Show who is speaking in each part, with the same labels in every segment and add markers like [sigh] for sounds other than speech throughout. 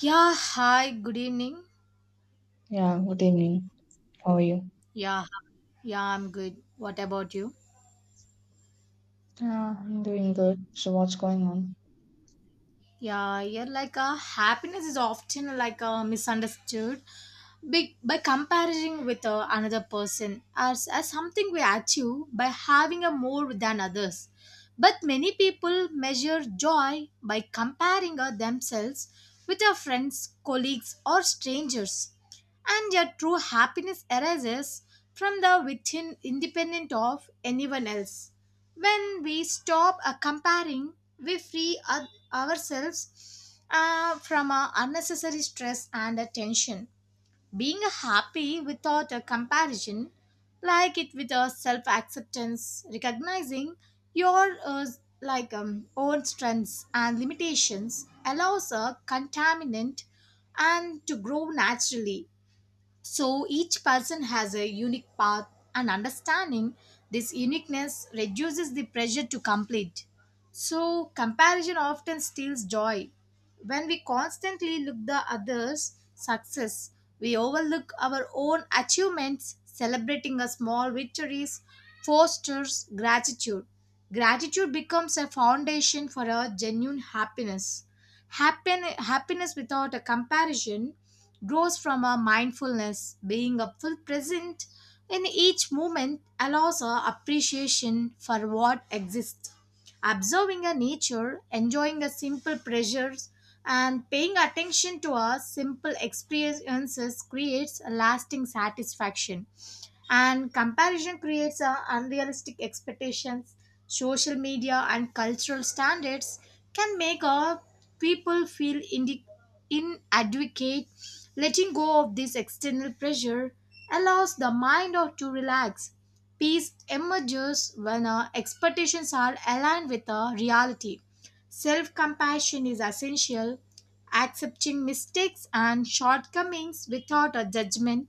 Speaker 1: Yeah, hi, good evening.
Speaker 2: Yeah, good evening. How are you?
Speaker 1: Yeah, yeah, I'm good. What about you?
Speaker 2: Yeah, I'm doing good. So, what's going on?
Speaker 1: Yeah, yeah, like happiness is often like misunderstood by comparing with another person, as something we achieve by having a more than others. But many people measure joy by comparing themselves with their friends, colleagues, or strangers, and their true happiness arises from the within, independent of anyone else. When we stop comparing, we free ourselves from unnecessary stress and tension. Being happy without a comparison, like it with a self acceptance, recognizing your like own strengths and limitations allows a contaminant and to grow naturally. So each person has a unique path, and understanding this uniqueness reduces the pressure to complete. So comparison often steals joy. When we constantly look the others' success, we overlook our own achievements, celebrating a small victories fosters gratitude. Gratitude becomes a foundation for our genuine happiness. Happiness without a comparison grows from our mindfulness, being a full present in each moment allows our appreciation for what exists. Observing a nature, enjoying the simple pleasures, and paying attention to our simple experiences creates a lasting satisfaction. And comparison creates unrealistic expectations. Social media and cultural standards can make people feel inadequate. Letting go of this external pressure allows the mind to relax. Peace emerges when expectations are aligned with reality. Self compassion is essential. Accepting mistakes and shortcomings without a judgment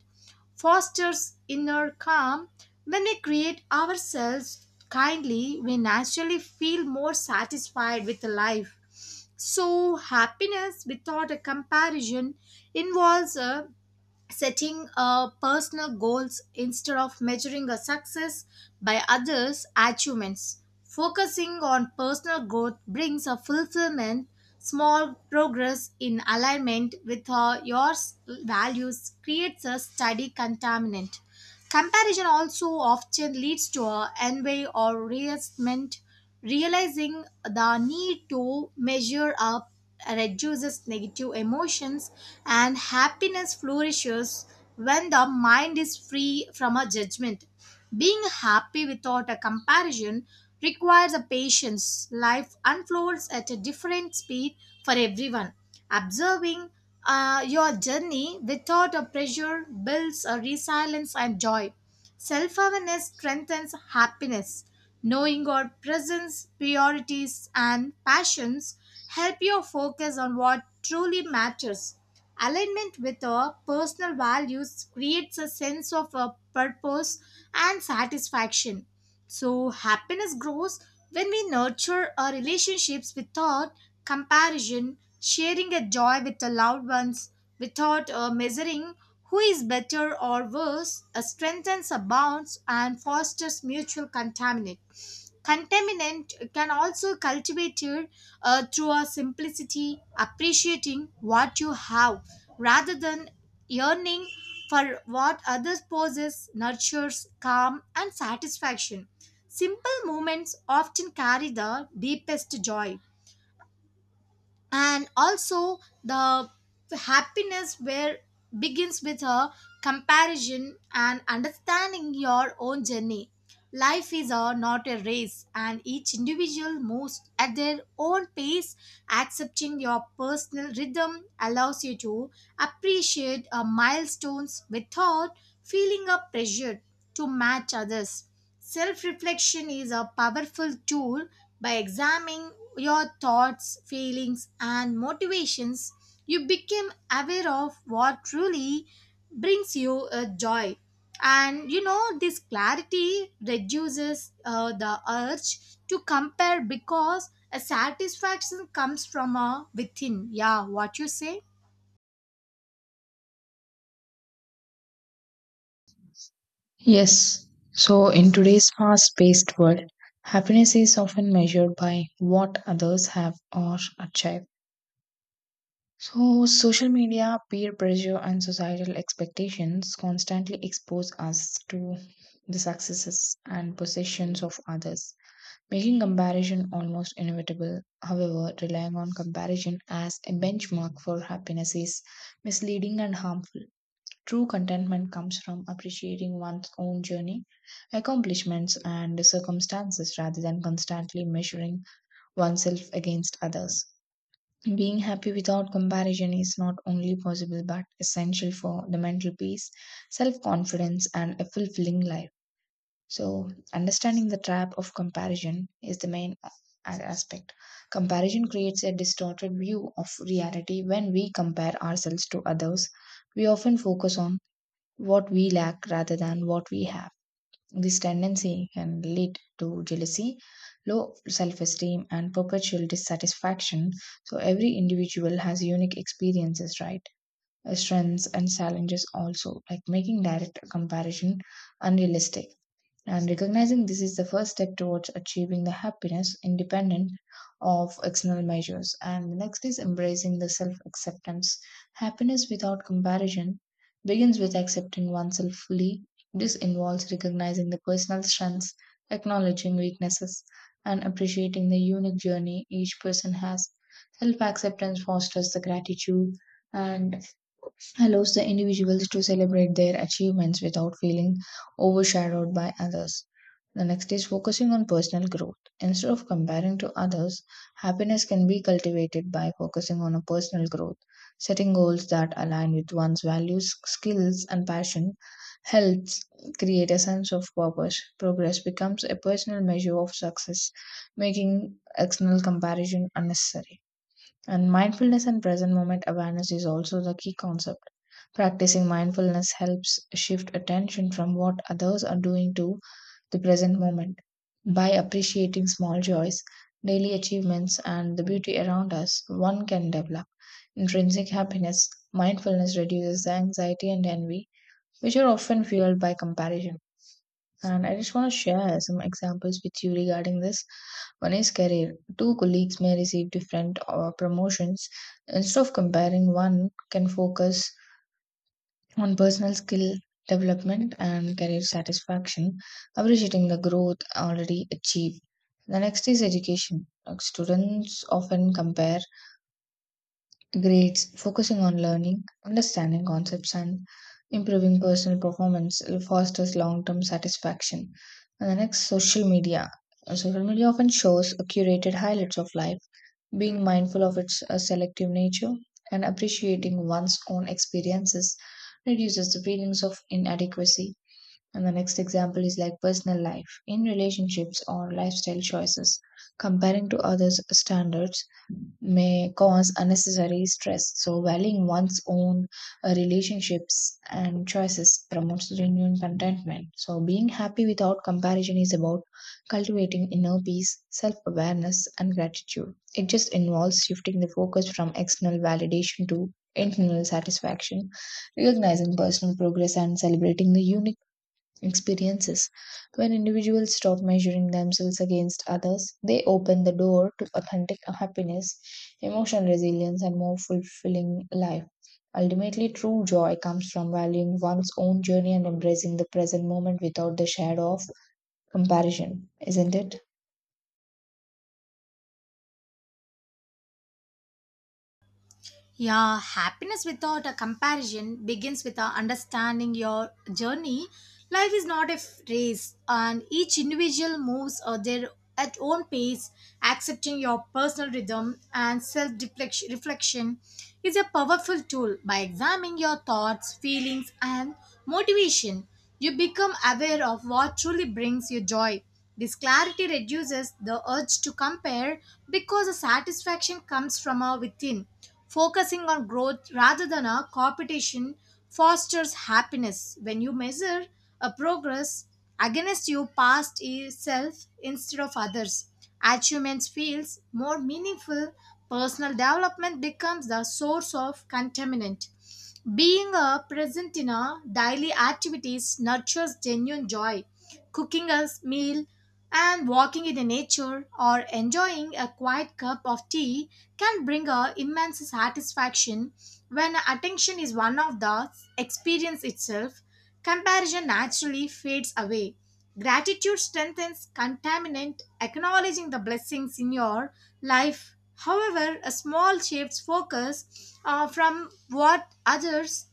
Speaker 1: fosters inner calm. When we create ourselves kindly, we naturally feel more satisfied with life. So, happiness without a comparison involves a setting personal goals instead of measuring a success by others' achievements. Focusing on personal growth brings a fulfillment, small progress in alignment with your values creates a steady contaminant. Comparison also often leads to a envy or resentment. Realizing the need to measure up reduces negative emotions, and happiness flourishes when the mind is free from a judgment. Being happy without a comparison requires a patience. Life unfolds at a different speed for everyone. Observing your journey without a pressure builds a resilience and joy. Self awareness strengthens happiness. Knowing your presence, priorities, and passions help you focus on what truly matters. Alignment with our personal values creates a sense of a purpose and satisfaction. So, happiness grows when we nurture our relationships without comparison, sharing a joy with the loved ones without measuring who is better or worse strengthens a bonds and fosters mutual contaminant. Contaminant can also cultivate it, through a simplicity, appreciating what you have rather than yearning for what others possess, nurtures calm and satisfaction. Simple moments often carry the deepest joy, and also the happiness where begins with a comparison and understanding your own journey. Life is a, not a race, and each individual moves at their own pace. Accepting your personal rhythm allows you to appreciate our milestones without feeling a pressure to match others. Self reflection is a powerful tool by examining your thoughts, feelings, and motivations. You become aware of what truly brings you a joy. And this clarity reduces the urge to compare because a satisfaction comes from a within. Yeah, what you say?
Speaker 2: Yes. So, in today's fast paced world, happiness is often measured by what others have or achieve. So, social media, peer pressure, and societal expectations constantly expose us to the successes and possessions of others, making comparison almost inevitable. However, relying on comparison as a benchmark for happiness is misleading and harmful. True contentment comes from appreciating one's own journey, accomplishments, and circumstances rather than constantly measuring oneself against others. Being happy without comparison is not only possible but essential for the mental peace, self confidence, and a fulfilling life. So, understanding the trap of comparison is the aspect. Comparison creates a distorted view of reality when we compare ourselves to others. We often focus on what we lack rather than what we have. This tendency can lead to jealousy, low self esteem, and perpetual dissatisfaction. So, every individual has unique experiences, right? Strengths and challenges, also, like making direct comparison unrealistic. And recognizing this is the first step towards achieving the happiness independent of external measures. And the next is embracing the self acceptance. Happiness without comparison begins with accepting oneself fully. This involves recognizing the personal strengths, acknowledging weaknesses, and appreciating the unique journey each person has. Self acceptance fosters the gratitude and allows the individuals to celebrate their achievements without feeling overshadowed by others. The next is focusing on personal growth. Instead of comparing to others, happiness can be cultivated by focusing on a personal growth. Setting goals that align with one's values, skills, and passion helps create a sense of purpose. Progress becomes a personal measure of success, making external comparison unnecessary. And mindfulness and present moment awareness is also the key concept. Practicing mindfulness helps shift attention from what others are doing to the present moment. By appreciating small joys, daily achievements, and the beauty around us, one can develop intrinsic happiness. Mindfulness reduces the anxiety and envy, which are often fueled by comparison. And I just want to share some examples with you regarding this. One is career. Two colleagues may receive different promotions. Instead of comparing, one can focus on personal skill development and career satisfaction, appreciating the growth already achieved. The next is education. Like, students often compare grades, focusing on learning, understanding concepts, and improving personal performance fosters long term satisfaction. And the next, social media. Social media often shows a curated highlights of life. Being mindful of its selective nature and appreciating one's own experiences reduces the feelings of inadequacy. And the next example is like personal life. In relationships or lifestyle choices, comparing to others' standards may cause unnecessary stress. So, valuing one's own relationships and choices promotes genuine contentment. So, being happy without comparison is about cultivating inner peace, self awareness, and gratitude. It just involves shifting the focus from external validation to internal satisfaction, recognizing personal progress, and celebrating the unique experiences. When individuals stop measuring themselves against others, they open the door to authentic happiness, emotional resilience, and more fulfilling life. Ultimately, true joy comes from valuing one's own journey and embracing the present moment without the shadow of comparison, isn't it?
Speaker 1: Yeah, happiness without a comparison begins with our understanding your journey. Life is not a race, and each individual moves at their at own pace. Accepting your personal rhythm and self reflection is a powerful tool. By examining your thoughts, feelings, and motivation, you become aware of what truly brings you joy. This clarity reduces the urge to compare because the satisfaction comes from our within. Focusing on growth rather than a competition fosters happiness. When you measure a progress against your past self instead of others, achievements feels more meaningful. Personal development becomes the source of contentment. Being a present in our daily activities nurtures genuine joy. Cooking a meal and walking in the nature or enjoying a quiet cup of tea can bring a immense satisfaction when attention is one of the experience itself. Comparison naturally fades away. Gratitude strengthens contaminant, acknowledging the blessings in your life. However, a small shifts focus from what others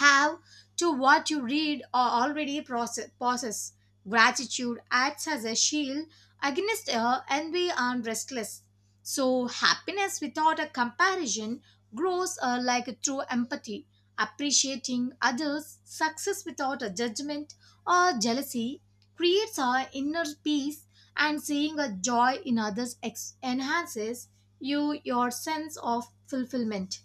Speaker 1: have to what you read or already process, possess. Gratitude acts as a shield against envy and restless. So, happiness without a comparison grows like through empathy. Appreciating others' success without a judgment or jealousy creates our inner peace, and seeing a joy in others enhances your sense of fulfillment.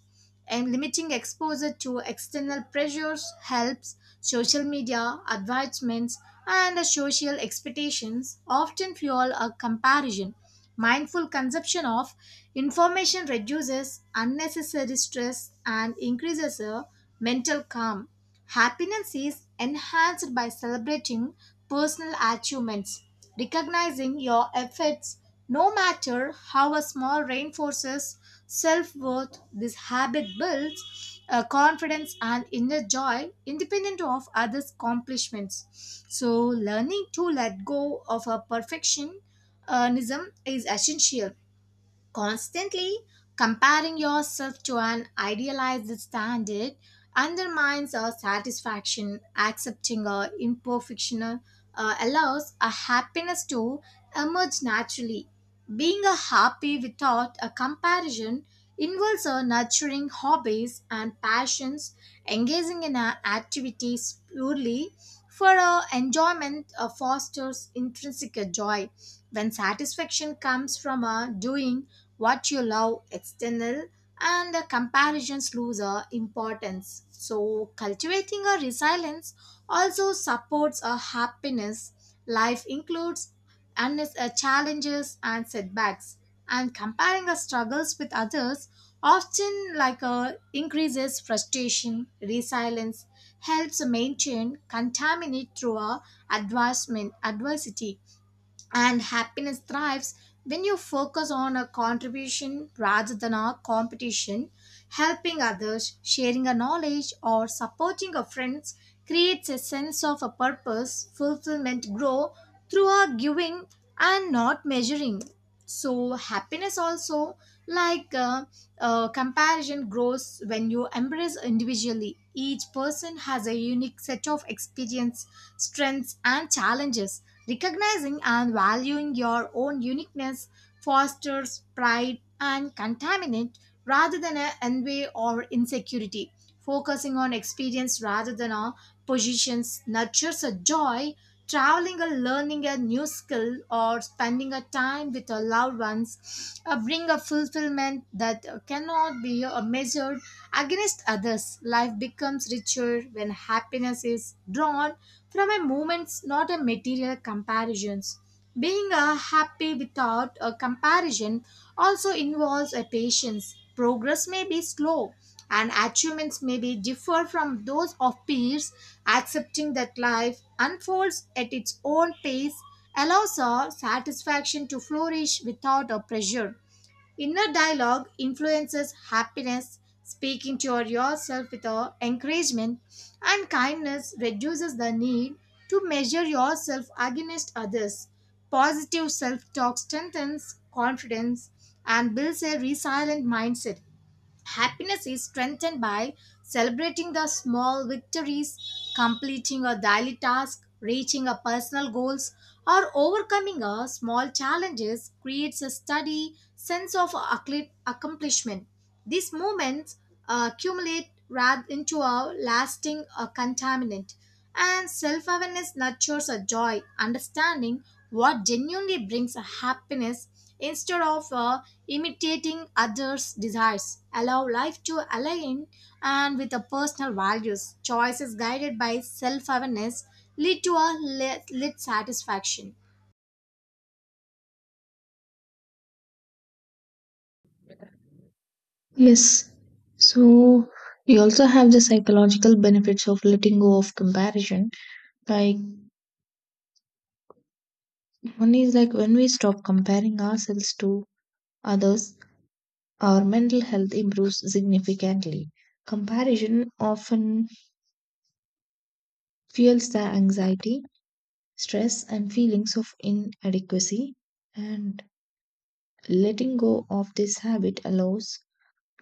Speaker 1: And limiting exposure to external pressures helps social media advertisements and social expectations often fuel a comparison. Mindful consumption of information reduces unnecessary stress and increases a mental calm. Happiness is enhanced by celebrating personal achievements. Recognizing your efforts, no matter how small, reinforces self worth. This habit builds confidence and inner joy independent of others' accomplishments. So, learning to let go of a perfectionism is essential. Constantly comparing yourself to an idealized standard undermines our satisfaction. Accepting our imperfection allows a happiness to emerge naturally. Being a happy without a comparison involves a nurturing hobbies and passions, engaging in our activities purely for our enjoyment fosters intrinsic joy. When satisfaction comes from our doing, what you love external and the comparisons lose importance, so cultivating a resilience also supports a happiness. Life includes and challenges and setbacks, and comparing our struggles with others often like increases frustration. Resilience helps maintain contaminate through a advancement adversity, and happiness thrives when you focus on a contribution rather than a competition. Helping others, sharing a knowledge, or supporting a friends creates a sense of a purpose, fulfillment, grow through our giving and not measuring. So happiness also, like comparison, grows when you embrace individually. Each person has a unique set of experience strengths, and challenges. Recognizing and valuing your own uniqueness fosters pride and contaminant rather than a envy or insecurity. Focusing on experience rather than on positions nurtures a joy. Traveling or learning a new skill or spending a time with your loved ones bring a fulfillment that cannot be measured against others. Life becomes richer when happiness is drawn from a moments, not a material comparisons. Being a happy without a comparison also involves a patience. Progress may be slow and achievements may be differ from those of peers. Accepting that life unfolds at its own pace allows our satisfaction to flourish without a pressure. Inner dialogue influences happiness. Speaking to yourself with encouragement and kindness reduces the need to measure yourself against others. Positive self talk strengthens confidence and builds a resilient mindset. Happiness is strengthened by celebrating the small victories, completing a daily task, reaching a personal goals, or overcoming a small challenges creates a steady sense of accomplishment. These moments accumulate rather into a lasting contaminant. And self awareness nurtures a joy, understanding what genuinely brings a happiness instead of imitating others' desires. Allow life to align and with the personal values. Choices guided by self awareness lead to a lit satisfaction.
Speaker 2: Yes. So you also have the psychological benefits of letting go of comparison. Like one is like when we stop comparing ourselves to others, our mental health improves significantly. Comparison often fuels the anxiety, stress, and feelings of inadequacy, and letting go of this habit allows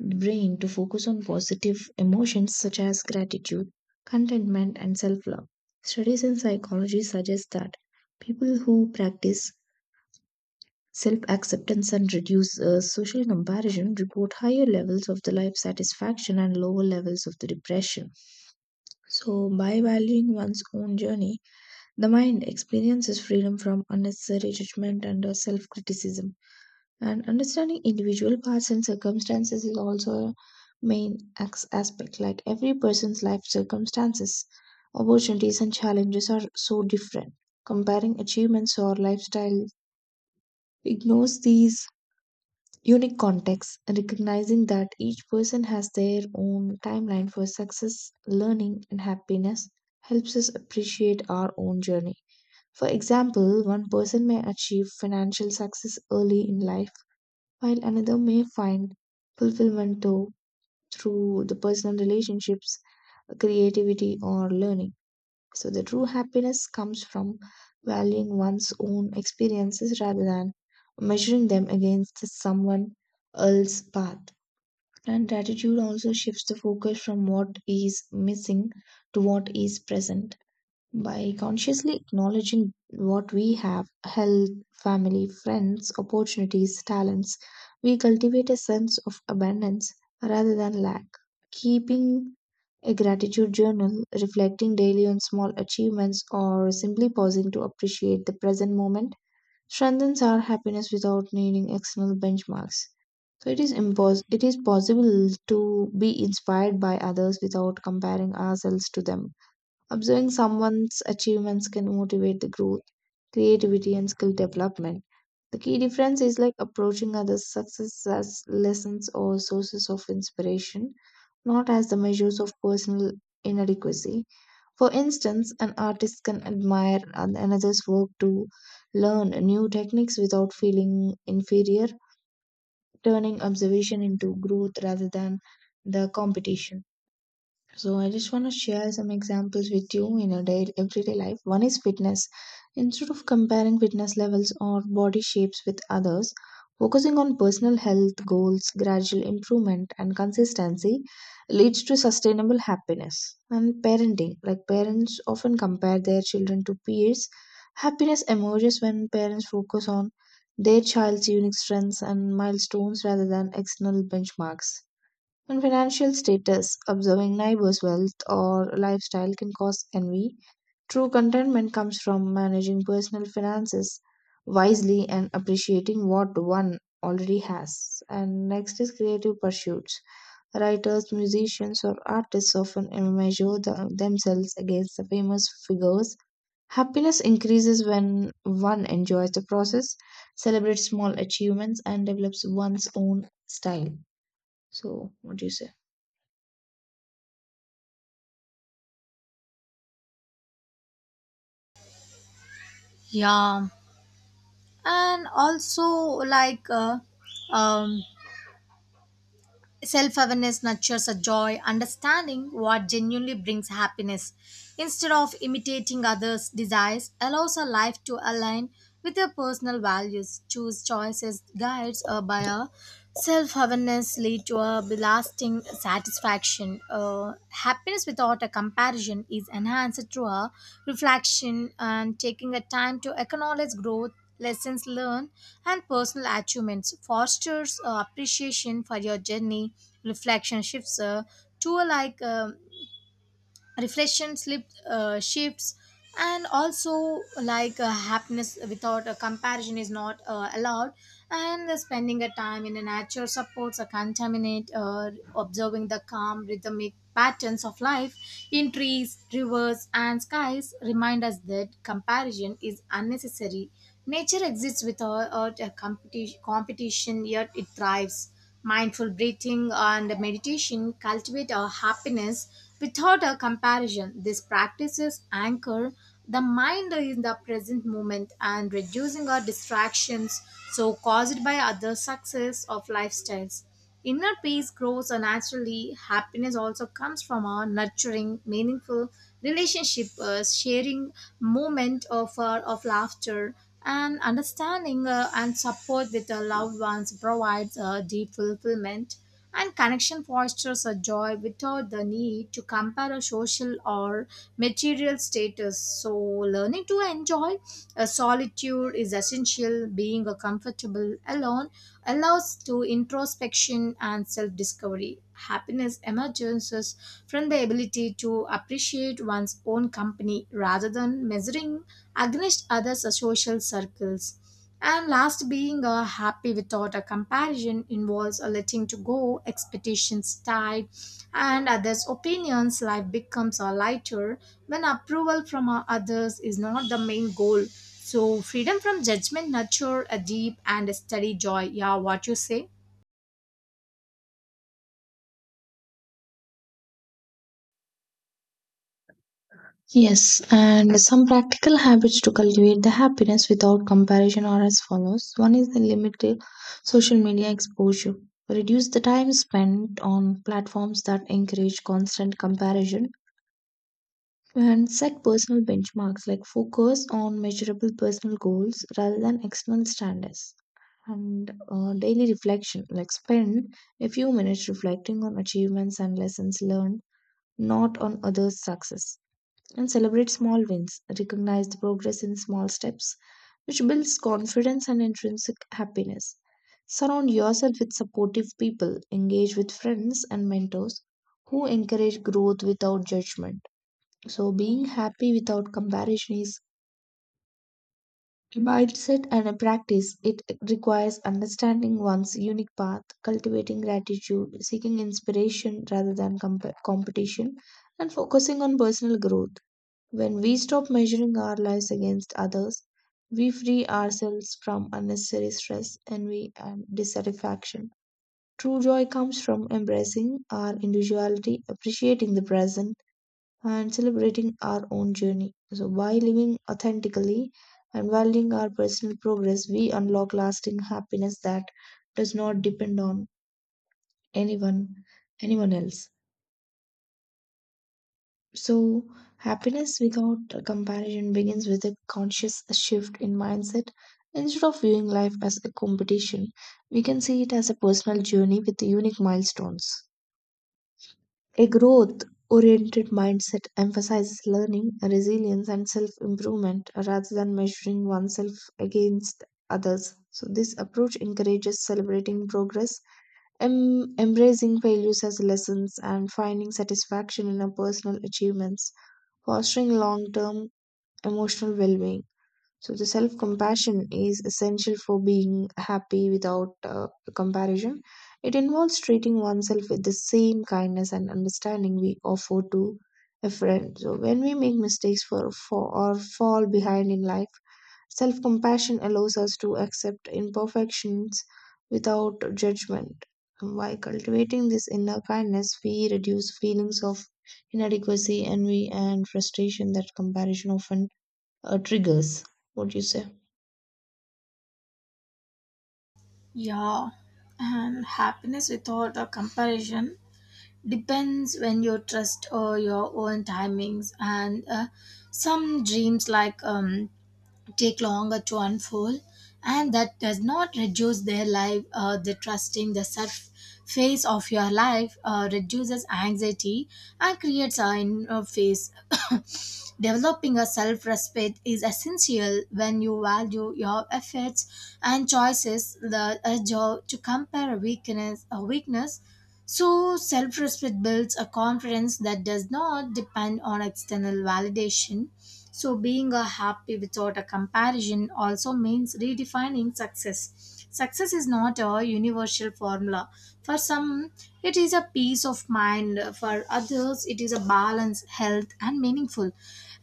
Speaker 2: the brain to focus on positive emotions such as gratitude, contentment, and self love. Studies in psychology suggest that people who practice self acceptance and reduce social comparison report higher levels of the life satisfaction and lower levels of the depression. So, by valuing one's own journey, the mind experiences freedom from unnecessary judgment and self criticism. And understanding individual paths and circumstances is also a aspect. Like every person's life circumstances, opportunities, and challenges are so different. Comparing achievements or lifestyle ignores these unique context, recognizing that each person has their own timeline for success, learning, and happiness helps us appreciate our own journey. For example, one person may achieve financial success early in life, while another may find fulfillment too, through the personal relationships, creativity, or learning. So the true happiness comes from valuing one's own experiences rather than measuring them against the someone else's path. And gratitude also shifts the focus from what is missing to what is present by consciously acknowledging what we have: health, family, friends, opportunities, talents. We cultivate a sense of abundance rather than lack. Keeping a gratitude journal, reflecting daily on small achievements, or simply pausing to appreciate the present moment strengthens our happiness without needing external benchmarks. So it is possible to be inspired by others without comparing ourselves to them. Observing someone's achievements can motivate the growth, creativity, and skill development. The key difference is like approaching others' success as lessons or sources of inspiration, not as the measures of personal inadequacy. For instance, an artist can admire another's work to learn new techniques without feeling inferior, turning observation into growth rather than the competition. So I just want to share some examples with you in a day, everyday life. One is fitness. Instead of comparing fitness levels or body shapes with others, focusing on personal health goals, gradual improvement, and consistency leads to sustainable happiness. And parenting, like parents often compare their children to peers. Happiness emerges when parents focus on their child's unique strengths and milestones rather than external benchmarks. On financial status, observing neighbors' wealth or lifestyle can cause envy. True contentment comes from managing personal finances wisely and appreciating what one already has. And next is creative pursuits. Writers, musicians, or artists often themselves against the famous figures. Happiness increases when one enjoys the process, celebrates small achievements, and develops one's own style. So, what do you say?
Speaker 1: Yeah. And also, like um, self awareness nurtures a joy, understanding what genuinely brings happiness. Instead of imitating others' desires, allows a life to align with your personal values. Choose choices, guides, or by a self awareness lead to a lasting satisfaction. Happiness without a comparison is enhanced through a reflection and taking a time to acknowledge growth, lessons learned, and personal achievements. Fosters appreciation for your journey reflection shifts to like reflection slip shifts. And also like happiness without a comparison is not allowed, and the spending a time in the nature supports a contaminate observing the calm rhythmic patterns of life in trees, rivers, and skies remind us that comparison is unnecessary. Nature exists without a competition, yet it thrives. Mindful breathing and meditation cultivate our happiness without a comparison. These practices anchor the mind in the present moment and reducing our distractions so caused by other success of lifestyles. Inner peace grows naturally. Happiness also comes from our nurturing, meaningful relationship, sharing moment of laughter, and understanding and support with the loved ones provides a deep fulfillment. And connection fosters a joy without the need to compare a social or material status. So, learning to enjoy a solitude is essential. Being a comfortable alone allows to introspection and self-discovery. Happiness emerges from the ability to appreciate one's own company rather than measuring against others' social circles. And last, being happy without a comparison involves a letting to go expectations tied and others' opinions. Life becomes a lighter when approval from others is not the main goal. So, freedom from judgment nurture a deep and steady joy. Yeah, what you say?
Speaker 2: Yes, and some practical habits to cultivate the happiness without comparison are as follows. One is the limited social media exposure. Reduce the time spent on platforms that encourage constant comparison and set personal benchmarks like focus on measurable personal goals rather than external standards. And daily reflection like spend a few minutes reflecting on achievements and lessons learned, not on others' success, and celebrate small wins. Recognize the progress in small steps, which builds confidence and intrinsic happiness. Surround yourself with supportive people, engage with friends and mentors who encourage growth without judgment. So, being happy without comparison is a mindset and a practice. It requires understanding one's unique path, cultivating gratitude, seeking inspiration rather than competition, and focusing on personal growth. When we stop measuring our lives against others, we free ourselves from unnecessary stress, envy, and dissatisfaction. True joy comes from embracing our individuality, appreciating the present, and celebrating our own journey. So, by living authentically and valuing our personal progress, we unlock lasting happiness that does not depend on anyone, anyone else. So, happiness without a comparison begins with a conscious shift in mindset. Instead of viewing life as a competition, we can see it as a personal journey with unique milestones. A growth oriented mindset emphasizes learning, resilience, and self improvement rather than measuring oneself against others. So, this approach encourages celebrating progress, embracing failures as lessons, and finding satisfaction in our personal achievements fostering long-term emotional well-being. So the self compassion is essential for being happy without comparison. It involves treating oneself with the same kindness and understanding we offer to a friend. So when we make mistakes for or fall behind in life, self compassion allows us to accept imperfections without judgment. By cultivating this inner kindness, we reduce feelings of inadequacy, envy, and frustration that comparison often triggers. What do you say?
Speaker 1: Yeah, and happiness without a comparison depends when you trust your own timings, and some dreams like take longer to unfold, and that does not reduce their life the trusting the surf phase of your life reduces anxiety and creates a inner phase. [coughs] Developing a self-respect is essential when you value your efforts and choices the urge to compare a weakness, so self respect builds a confidence that does not depend on external validation. So, being a happy without a comparison also means redefining success. Success is not a universal formula. For some, it is a peace of mind. For others, it is a balance, health, and meaningful.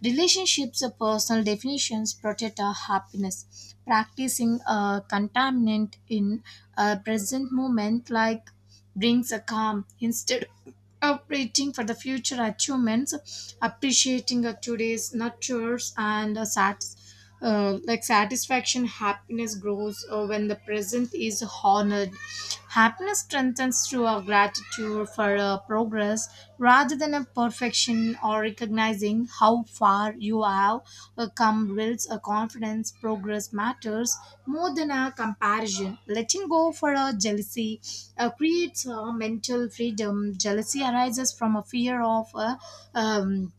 Speaker 1: Relationships or personal definitions protect our happiness. Practicing a contaminant in a present moment like brings a calm instead of waiting for the future achievements, appreciating today's nurtures and like satisfaction. Happiness grows when the present is honored. Happiness strengthens through our gratitude for progress rather than a of perfection, or recognizing how far you have come builds a confidence. Progress matters more than a comparison. Letting go for a jealousy creates a mental freedom. Jealousy arises from a fear of um,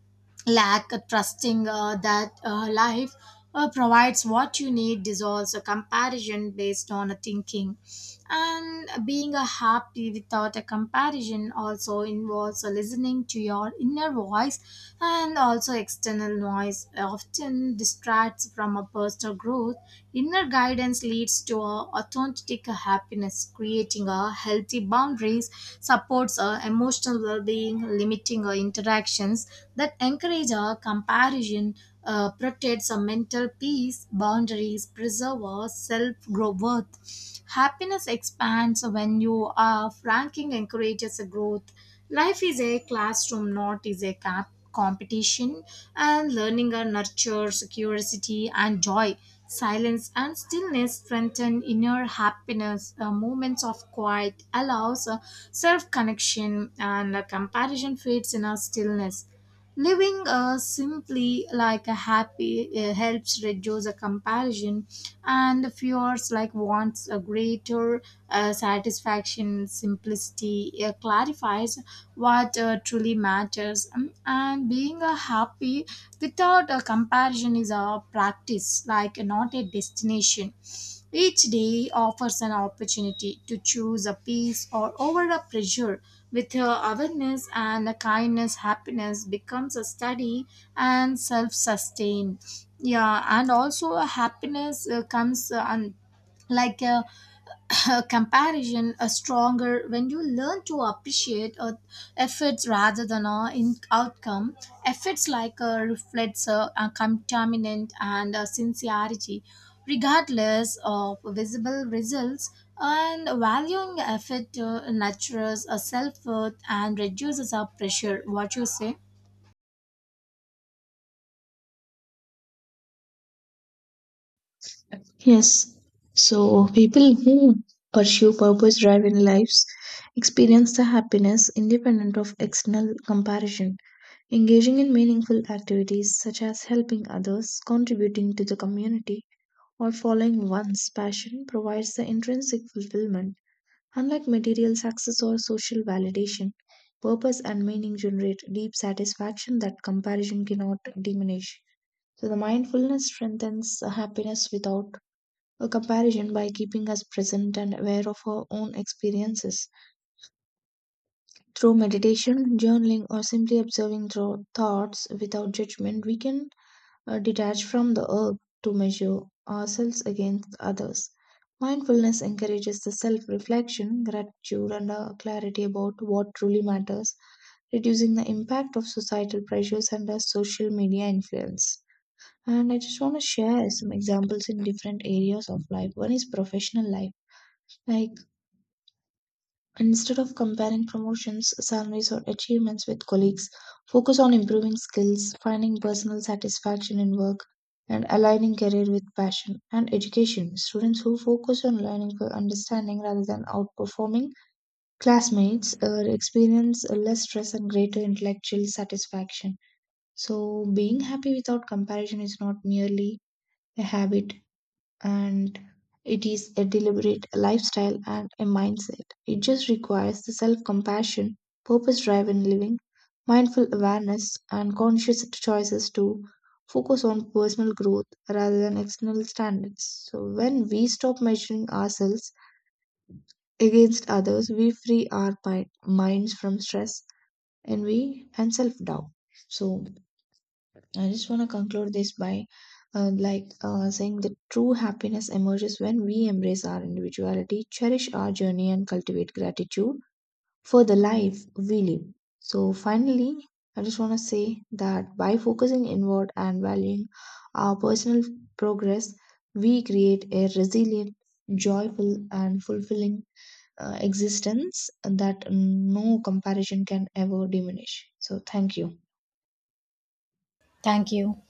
Speaker 1: lack, trusting that life provides what you need dissolves a comparison based on a thinking. And being a happy without a comparison also involves listening to your inner voice, and also external noise often distracts from a personal growth. Inner guidance leads to a authentic happiness, creating a healthy boundaries, supports a emotional well-being, limiting our interactions that encourage a comparison protects our mental peace, boundaries, preserve our self-growth. Happiness expands when you are ranking encourages a growth. Life is a classroom, not is a competition, and learning and nurtures curiosity and joy. Silence and stillness strengthen inner happiness. Moments of quiet allows self-connection, and comparison fades in our stillness. Living simply like a happy helps reduce a comparison and fears like wants a greater satisfaction. Simplicity clarifies what truly matters. And being a happy without a comparison is a practice like not a destination. Each day offers an opportunity to choose a peace or over a pressure with her awareness and a kindness, happiness becomes a steady and self sustained. Yeah, and also a happiness comes like a comparison are stronger when you learn to appreciate efforts rather than in outcome. Efforts like reflects a contaminant and sincerity, regardless of visible results, and valuing effort nurtures a self-worth and reduces our pressure. What you say?
Speaker 2: Yes. So people who pursue purpose driven lives experience the happiness independent of external comparison. Engaging in meaningful activities such as helping others, contributing to the community, or following one's passion provides the intrinsic fulfillment. Unlike material success or social validation, purpose and meaning generate deep satisfaction that comparison cannot diminish. So the mindfulness strengthens the happiness without a comparison by keeping us present and aware of our own experiences. Through meditation, journaling, or simply observing through thoughts without judgment, we can detach from the urge to measure ourselves against others. Mindfulness encourages the self reflection, gratitude, and a clarity about what truly matters, reducing the impact of societal pressures and social media influence. And I just want to share some examples in different areas of life. One is professional life. Like instead of comparing promotions, salaries, or achievements with colleagues, focus on improving skills, finding personal satisfaction in work, and aligning career with passion and education. Students who focus on learning for understanding rather than outperforming classmates experience less stress and greater intellectual satisfaction. So, being happy without comparison is not merely a habit and it is a deliberate lifestyle and a mindset. It just requires the self compassion, purpose driven living, mindful awareness, and conscious choices to focus on personal growth rather than external standards. So, when we stop measuring ourselves against others, we free our minds from stress, envy, and self doubt. So, I just want to conclude this by saying that true happiness emerges when we embrace our individuality, cherish our journey, and cultivate gratitude for the life we live. So, finally, I just want to say that by focusing inward and valuing our personal progress, we create a resilient, joyful, and fulfilling existence that no comparison can ever diminish. So, thank you.
Speaker 1: Thank you.